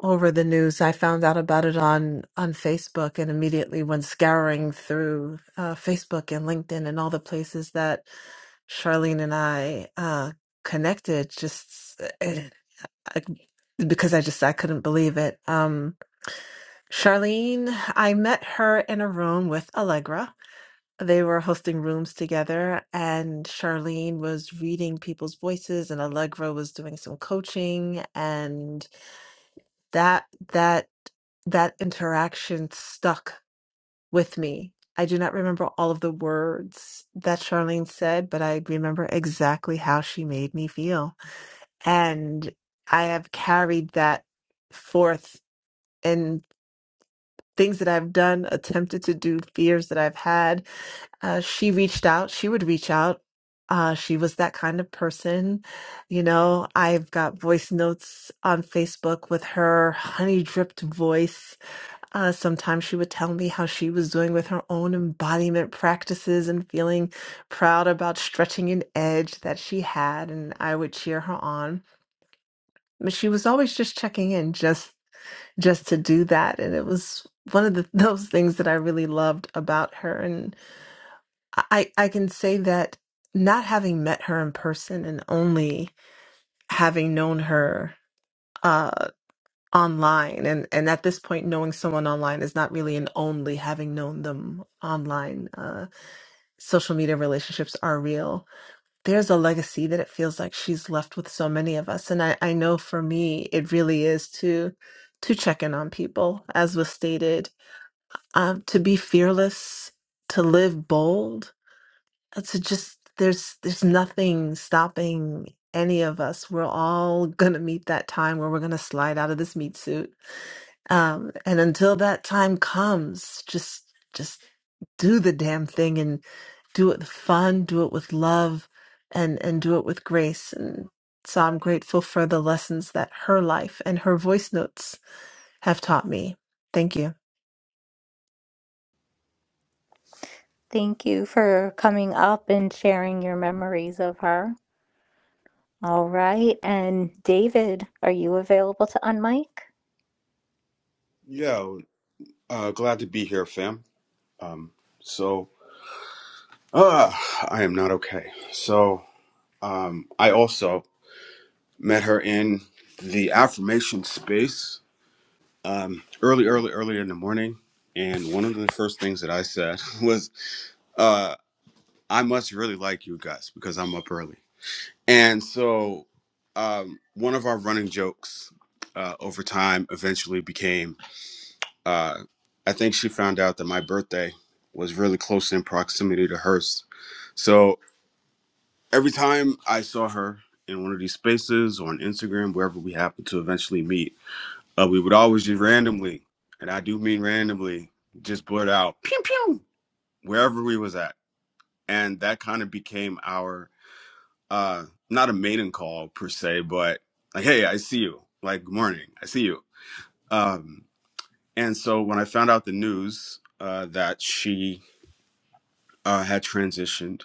Speaker 9: over the news. I found out about it on on Facebook and immediately went scouring through uh, Facebook and LinkedIn and all the places that Charlene and I uh, connected. Just eh, eh, I, because I just I couldn't believe it. Um, Charlene, I met her in a room with Allegra. They were hosting rooms together, and Charlene was reading people's voices, and Allegra was doing some coaching, and that that that interaction stuck with me. I do not remember all of the words that Charlene said, but I remember exactly how she made me feel and I have carried that forth in things that I've done, attempted to do, fears that I've had. Uh, she reached out. She would reach out. Uh, she was that kind of person. You know, I've got voice notes on Facebook with her honey dripped voice. Uh, sometimes she would tell me how she was doing with her own embodiment practices and feeling proud about stretching an edge that she had, and I would cheer her on but she was always just checking in just just to do that and it was one of the, those things that I really loved about her and I I can say that not having met her in person and only having known her uh online and and at this point knowing someone online is not really an only having known them online uh social media relationships are real there's a legacy that it feels like she's left with so many of us and I, I know for me it really is to to check in on people as was stated um, to be fearless to live bold uh, to just there's there's nothing stopping any of us we're all gonna meet that time where we're gonna slide out of this meat suit um, and until that time comes just just do the damn thing and do it with fun, do it with love, and and do it with grace. And so I'm grateful for the lessons that her life and her voice notes have taught me. Thank you.
Speaker 1: Thank you for coming up and sharing your memories of her. All right. And David, are you available to unmic?
Speaker 10: Yeah, uh, glad to be here, fam. Um, so, uh, I am not okay. So, um, I also met her in the affirmation space um, early, early, early in the morning. And one of the first things that I said was, uh, I must really like you guys because I'm up early. And so, um, one of our running jokes uh, over time eventually became Uh, I think she found out that my birthday was really close in proximity to hers. So every time I saw her in one of these spaces or on Instagram, wherever we happened to eventually meet, uh, we would always just randomly, and I do mean randomly, just blurt out pew pew wherever we was at, and that kind of became our uh, not a maiden call per se, but like hey, I see you, like good morning, I see you. Um, and so when I found out the news uh, that she uh, had transitioned,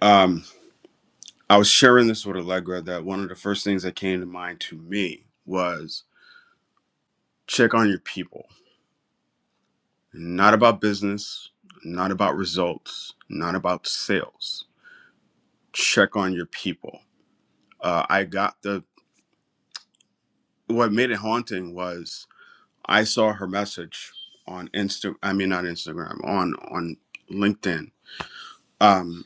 Speaker 10: um, I was sharing this with Allegra that one of the first things that came to mind to me was check on your people. Not about business, not about results, not about sales. Check on your people. Uh, I got the what made it haunting was I saw her message on Insta. I mean, not Instagram on on LinkedIn. Um,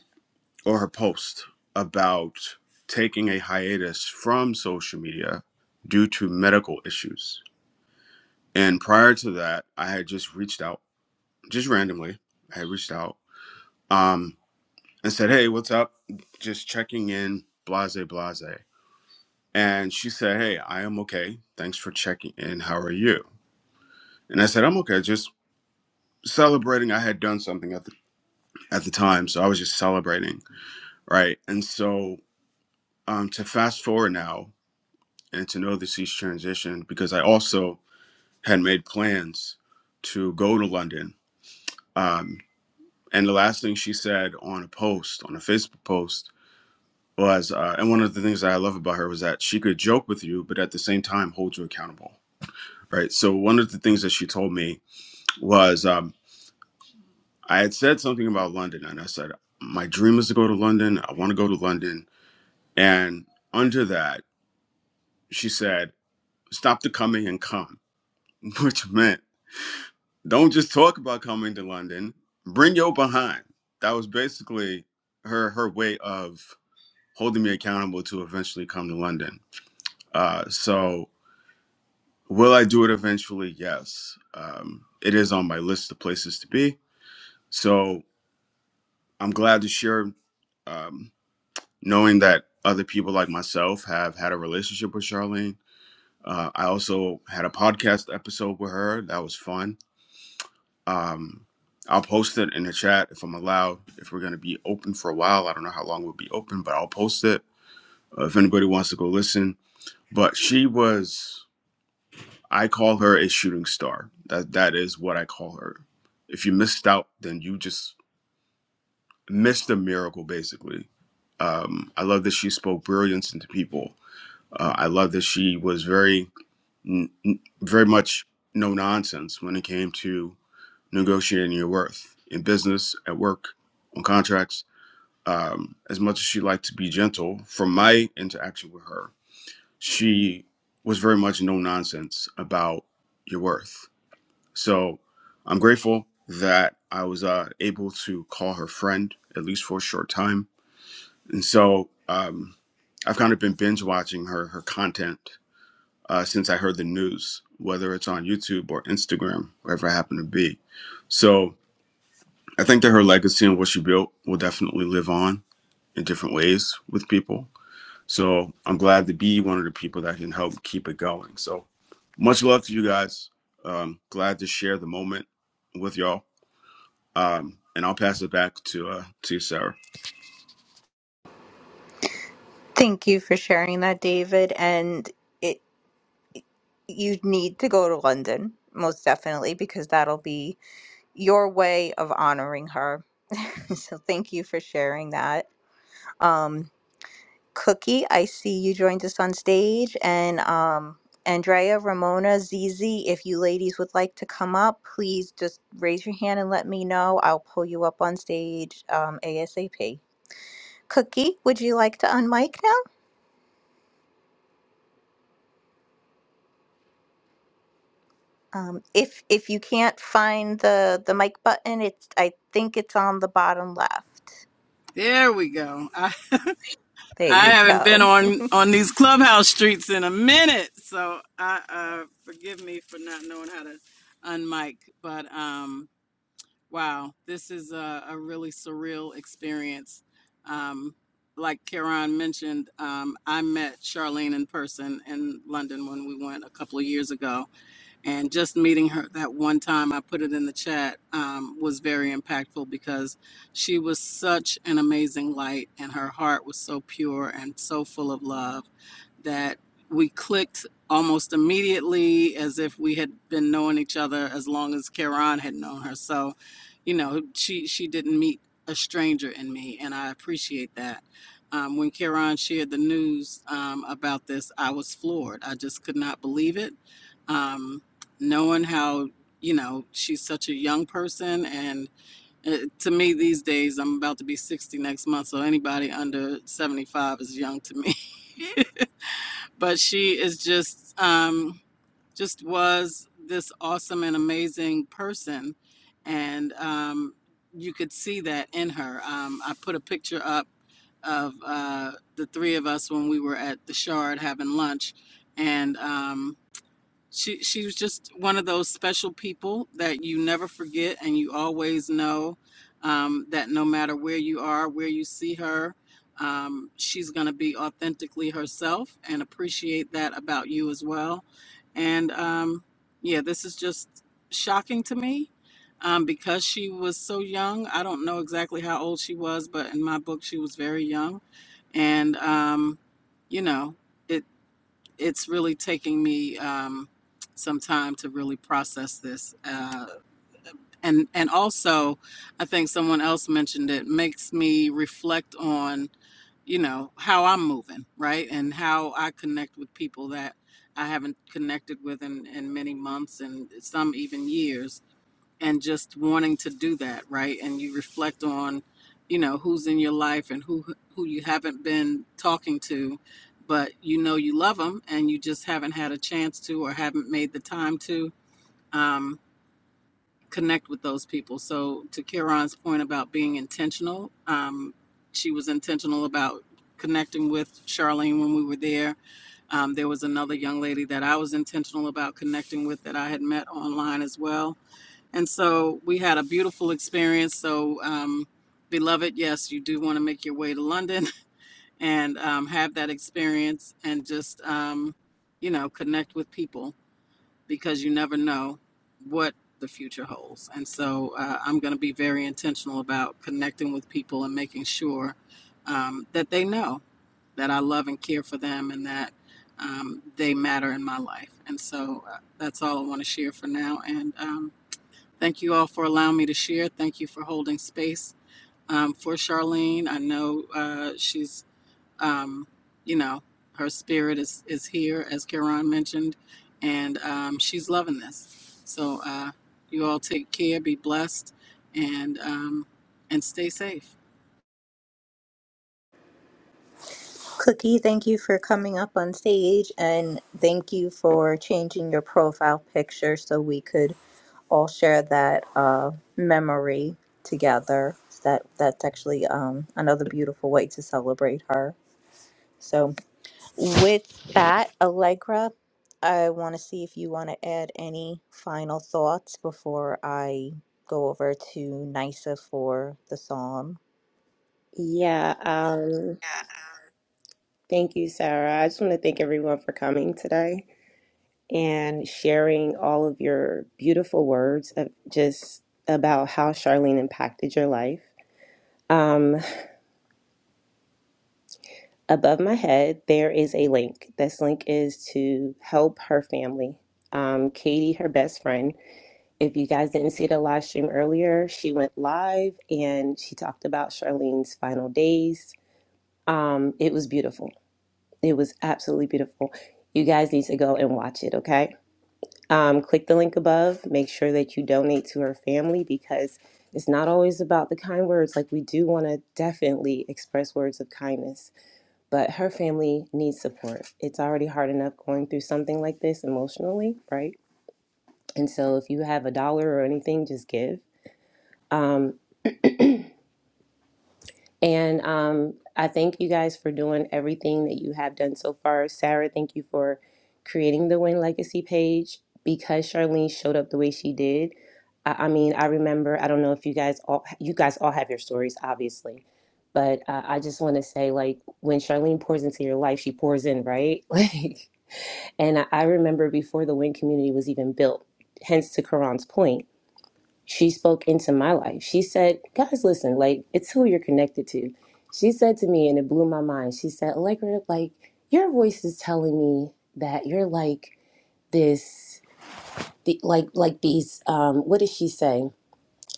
Speaker 10: or her post about taking a hiatus from social media due to medical issues. And prior to that, I had just reached out, just randomly. I had reached out um, and said, Hey, what's up? Just checking in, blase, blase. And she said, Hey, I am okay. Thanks for checking in. How are you? And I said, I'm okay. Just celebrating. I had done something at the, at the time. So I was just celebrating. Right. And so um, to fast forward now, and to know that she's transitioned because I also had made plans to go to London. Um, and the last thing she said on a post, on a Facebook post, was, uh, and one of the things that I love about her was that she could joke with you, but at the same time hold you accountable, right? So one of the things that she told me was, um, I had said something about London, and I said, my dream is to go to London. I want to go to London. And under that, she said, stop the coming and come, which meant Don't just talk about coming to London. Bring your behind. That was basically her her way of holding me accountable to eventually come to London. Uh, so will I do it eventually? Yes. Um, it is on my list of places to be. So I'm glad to share, um, knowing that other people like myself have had a relationship with Charlene. Uh, I also had a podcast episode with her. That was fun Um, I'll post it in the chat if I'm allowed. If we're going to be open for a while, I don't know how long we'll be open, but I'll post it uh, if anybody wants to go listen. But she was, I call her a shooting star. That that is what I call her. If you missed out, then you just missed a miracle, basically. Um, I love that she spoke brilliance into people. Uh, I love that she was very, n- n- very much no nonsense when it came to negotiating your worth in business, at work, on contracts. Um, as much as she liked to be gentle, from my interaction with her, she was very much no nonsense about your worth. So I'm grateful that I was uh, able to call her friend, at least for a short time. And so um, I've kind of been binge watching her, her content uh, since I heard the news, whether it's on YouTube or Instagram, wherever I happen to be. So I think that her legacy and what she built will definitely live on in different ways with people. So I'm glad to be one of the people that can help keep it going. So much love to you guys. Um, glad to share the moment with y'all. Um, and I'll pass it back to uh, to Sarah.
Speaker 1: Thank you for sharing that, David. And it, you need to go to London, most definitely, because that'll be your way of honoring her. so thank you for sharing that. Um, Cookie, I see you joined us on stage, and um, Andrea, Ramona, Zizi, if you ladies would like to come up, please just raise your hand and let me know. I'll pull you up on stage um, ASAP. Cookie, would you like to unmic now? Um, if if you can't find the the mic button, it's I think it's on the bottom left.
Speaker 11: There we go. I,
Speaker 1: There
Speaker 11: I
Speaker 1: you
Speaker 11: haven't been
Speaker 1: go.
Speaker 11: on on these clubhouse streets in a minute, so I uh, forgive me for not knowing how to unmic. But um, wow, this is a, a really surreal experience. Um, like Karan mentioned, um, I met Charlene in person in London when we went a couple of years ago, and just meeting her that one time, I put it in the chat, um, was very impactful because she was such an amazing light and her heart was so pure and so full of love that we clicked almost immediately as if we had been knowing each other as long as Karan had known her. So, you know, she, she didn't meet a stranger in me, and I appreciate that. Um, when Karan shared the news um, about this, I was floored. I just could not believe it. Um, knowing how you know she's such a young person and uh to me these days i'm about to be 60 next month so anybody under 75 is young to me but she is just um just was this awesome and amazing person and um you could see that in her um i put a picture up of uh the three of us when we were at the shard having lunch and um she she was just one of those special people that you never forget, and you always know um, that no matter where you are, where you see her, um, she's going to be authentically herself, and appreciate that about you as well. And um, yeah, this is just shocking to me um, because she was so young. I don't know exactly how old she was, but in my book, she was very young, and um, you know it it's really taking me um, some time to really process this, uh, and and also, I think someone else mentioned it makes me reflect on you know how i'm moving right and how i connect with people that i haven't connected with in, in many months and some even years and just wanting to do that, right? And you reflect on, you know, who's in your life and who who you haven't been talking to, but you know you love them and you just haven't had a chance to or haven't made the time to um, connect with those people. So to Kieran's point about being intentional, um, she was intentional about connecting with Charlene when we were there. Um, there was another young lady that I was intentional about connecting with that I had met online as well and so we had a beautiful experience. So, um, beloved, yes, you do want to make your way to London and um, have that experience and just, um, you know, connect with people because you never know what the future holds. And so uh, I'm going to be very intentional about connecting with people and making sure um, that they know that I love and care for them and that um, they matter in my life. And so uh, that's all I want to share for now. And um, Thank you all for allowing me to share. Thank you for holding space um, for Charlene. I know uh, she's, um, you know, her spirit is, is here, as Karan mentioned, and um, she's loving this. So uh, you all take care, be blessed, and um, and stay safe.
Speaker 1: Cookie, thank you for coming up on stage and thank you for changing your profile picture so we could all share that uh, memory together. That that's actually um, another beautiful way to celebrate her. So with that, Allegra, I want to see if you want to add any final thoughts before I go over to Nisa for the psalm.
Speaker 2: Yeah. Um, Thank you, Sarah. I just want to thank everyone for coming today and sharing all of your beautiful words of just about how Charlene impacted your life. Um, above my head, there is a link. This link is to help her family. Um, Katie, her best friend. If you guys didn't see the live stream earlier, she went live and she talked about Charlene's final days. Um, it was beautiful. It was absolutely beautiful. You guys need to go and watch it, okay? Um, click the link above. Make sure that you donate to her family because it's not always about the kind words. Like, we do want to definitely express words of kindness, but her family needs support. It's already hard enough going through something like this emotionally, right? And so, if you have a dollar or anything, just give. Um, And um, I thank you guys for doing everything that you have done so far. Sarah, thank you for creating the Win Legacy page because Charlene showed up the way she did. I, I mean, I remember, I don't know if you guys all, you guys all have your stories, obviously. But uh, I just want to say, like, when Charlene pours into your life, she pours in, right? Like, and I, I remember before the Win community was even built, hence to Karan's point she spoke into my life. She said, guys, listen, like, it's who you're connected to. She said to me, and it blew my mind, she said, Allegra, like, your voice is telling me that you're like this, the, like, like these, um, what did she say?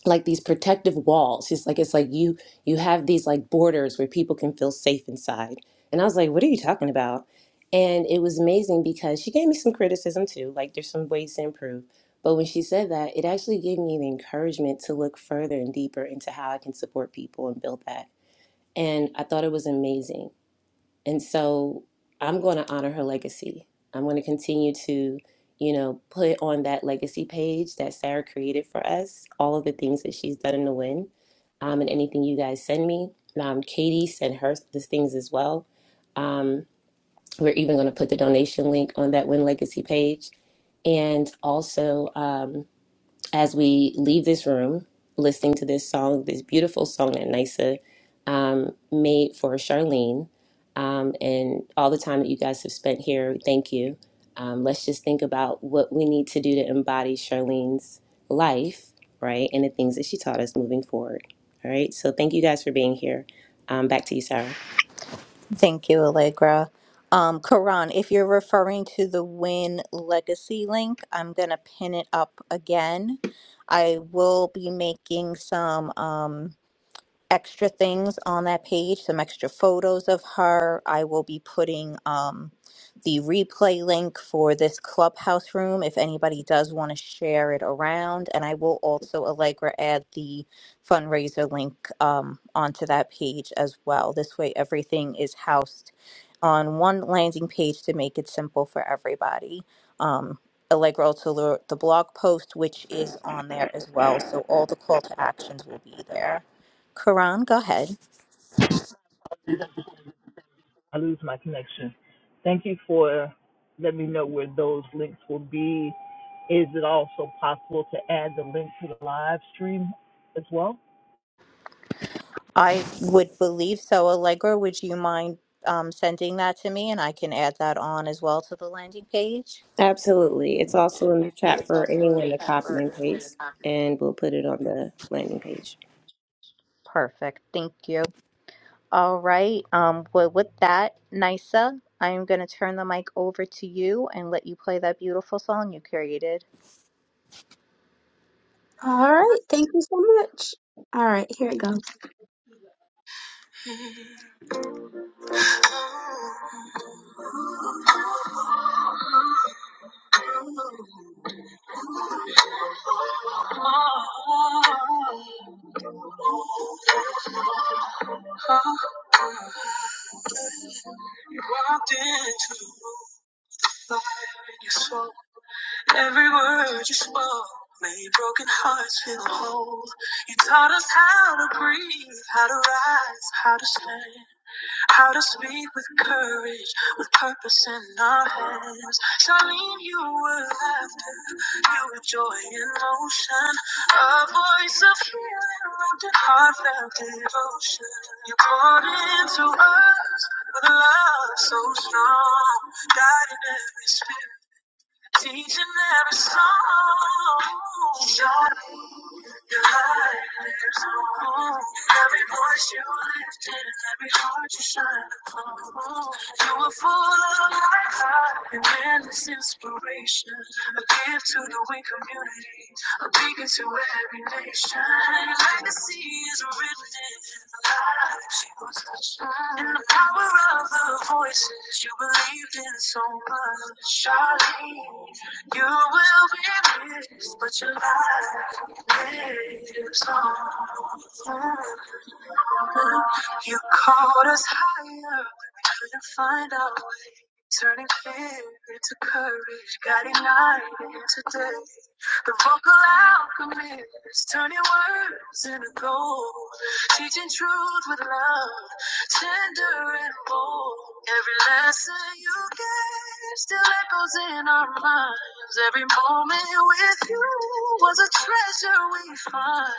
Speaker 2: like these protective walls. It's like it's like you you have these like borders where people can feel safe inside. And I was like, what are you talking about? And it was amazing because she gave me some criticism too. Like there's some ways to improve. But when she said that, it actually gave me the encouragement to look further and deeper into how I can support people and build that. And I thought it was amazing. And so I'm going to honor her legacy. I'm going to continue to, you know, put on that legacy page that Sarah created for us, all of the things that she's done in the win, um, and anything you guys send me. Um, Katie sent her these things as well. Um, We're even going to put the donation link on that Win Legacy page. And also, um, as we leave this room listening to this song, this beautiful song that Nisa um, made for Charlene, um, and all the time that you guys have spent here, thank you. Um, let's just think about what we need to do to embody Charlene's life, right, and the things that she taught us moving forward. All right, so thank you guys for being here. Um, back to you, Sarah.
Speaker 1: Thank you, Allegra. Um, Karan, if you're referring to the Win Legacy link, I'm going to pin it up again. I will be making some. Um, extra things on that page, some extra photos of her. I will be putting um, the replay link for this clubhouse room if anybody does want to share it around. And I will also, Allegra, add the fundraiser link um, onto that page as well. This way, everything is housed on one landing page to make it simple for everybody. Um, Allegra also wrote the blog post, which is on there as well. So all the call to actions will be there. Karan, go ahead.
Speaker 7: I lose my connection. Thank you for letting me know where those links will be Is it also possible to add the link to the live stream as well?
Speaker 1: I would believe so. Allegra, would you mind um, sending that to me and I can add that on as well to the landing page?
Speaker 2: Absolutely. It's also in the chat for anyone to copy and paste, and we'll put it on the landing page.
Speaker 1: Perfect. Thank you. All right. Um, well, with that, Nisa, I'm going to turn the mic over to you and let you play that beautiful song you created.
Speaker 6: All right, thank you so much. All right, here it goes. You walked into fire and you saw Every word you spoke made broken hearts feel whole. You taught us how to breathe, how to rise, how to stand, how to speak with courage, with purpose in our hands. Charlene, you were laughter, you were joy in motion, a voice of healing wrapped in heartfelt devotion. You poured into us with love so strong, guiding every speech. Teaching every song. Your light lives on. Every voice you lifted, every heart you shine upon. You were full of life, and endless inspiration. A gift to the weak community, a beacon to every nation. Your legacy is written in the light you touched. In the power of the voices you believed in so much. Charlene, you will be missed, but your life. You called us higher to find out Turning fear into courage, guiding night into day. The vocal alchemy is turning words into gold. Teaching truth with love, tender and bold. Every lesson you gave still echoes in our minds. Every moment with you was a treasure we find.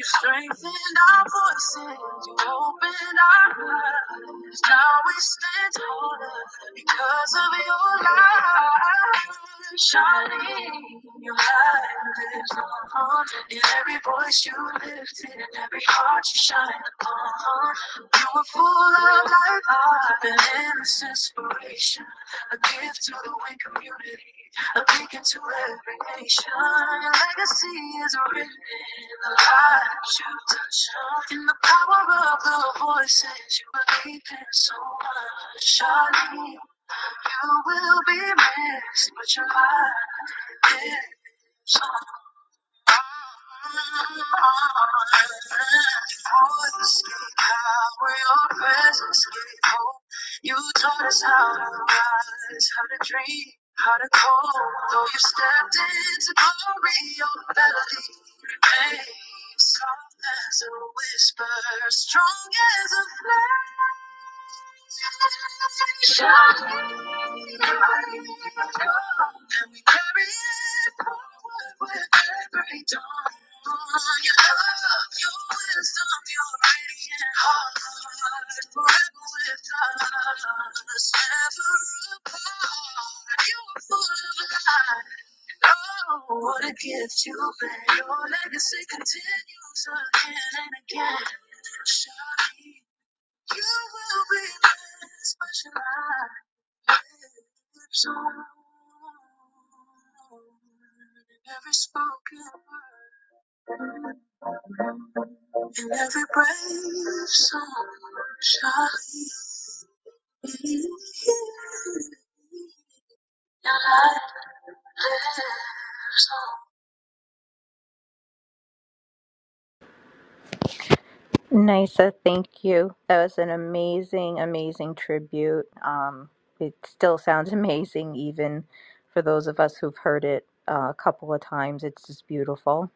Speaker 6: You strengthened our voices, you opened our eyes. Now we stand taller, because of your light, shining your light lives on. In every voice you lifted, in every heart you shine upon. You were full of life, art, and endless inspiration. A gift to the wind community, a beacon to every nation. Your legacy is written in the lives you touch. In the power of the voices you believe in so much. Shining. You will be missed, but your life is on. Voice escape, power, your presence gave hope. You taught us how to rise, how to dream, how to call. Though you stepped into glory, your melody remains soft as a whisper, strong as a flame. Shawty, oh, and we carry it forward with every dawn. Your love, your wisdom, your radiant heart, forever with us, never apart. You are full of light. Oh, what a gift you've been. Your legacy continues again and again, Shawty. You will be missed, but your light lives on. In every spoken word, in every brave song, shall he be. Your light lives on.
Speaker 1: Nisa, thank you. That was an amazing, amazing tribute. Um, it still sounds amazing, even for those of us who've heard it uh, a couple of times. It's just beautiful.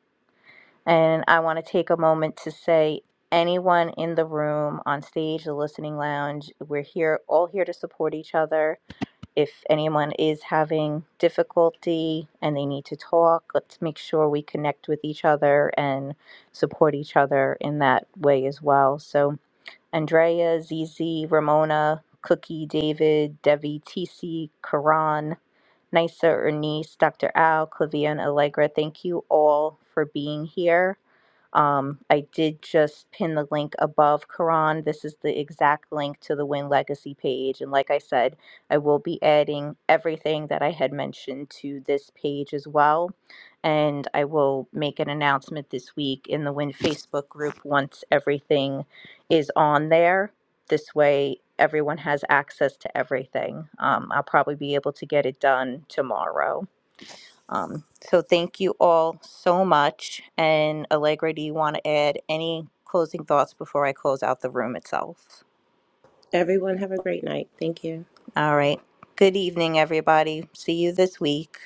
Speaker 1: And I want to take a moment to say, anyone in the room, on stage, the listening lounge, we're here, all here to support each other. If anyone is having difficulty and they need to talk, let's make sure we connect with each other and support each other in that way as well. So, Andrea, Zizi, Ramona, Cookie, David, Devi, TC, Karan, Nisa, Ernice, Dr. Al, Clavia, and Allegra, thank you all for being here um, I did just pin the link above Quran. This is the exact link to the Win Legacy page. And like I said, I will be adding everything that I had mentioned to this page as well. And I will make an announcement this week in the Win Facebook group once everything is on there. This way, everyone has access to everything. Um, I'll probably be able to get it done tomorrow. Um, so thank you all so much. And Allegra, do you want to add any closing thoughts before I close out the room itself?
Speaker 2: Everyone, have a great night. Thank you.
Speaker 1: All right. Good evening, everybody. See you this week.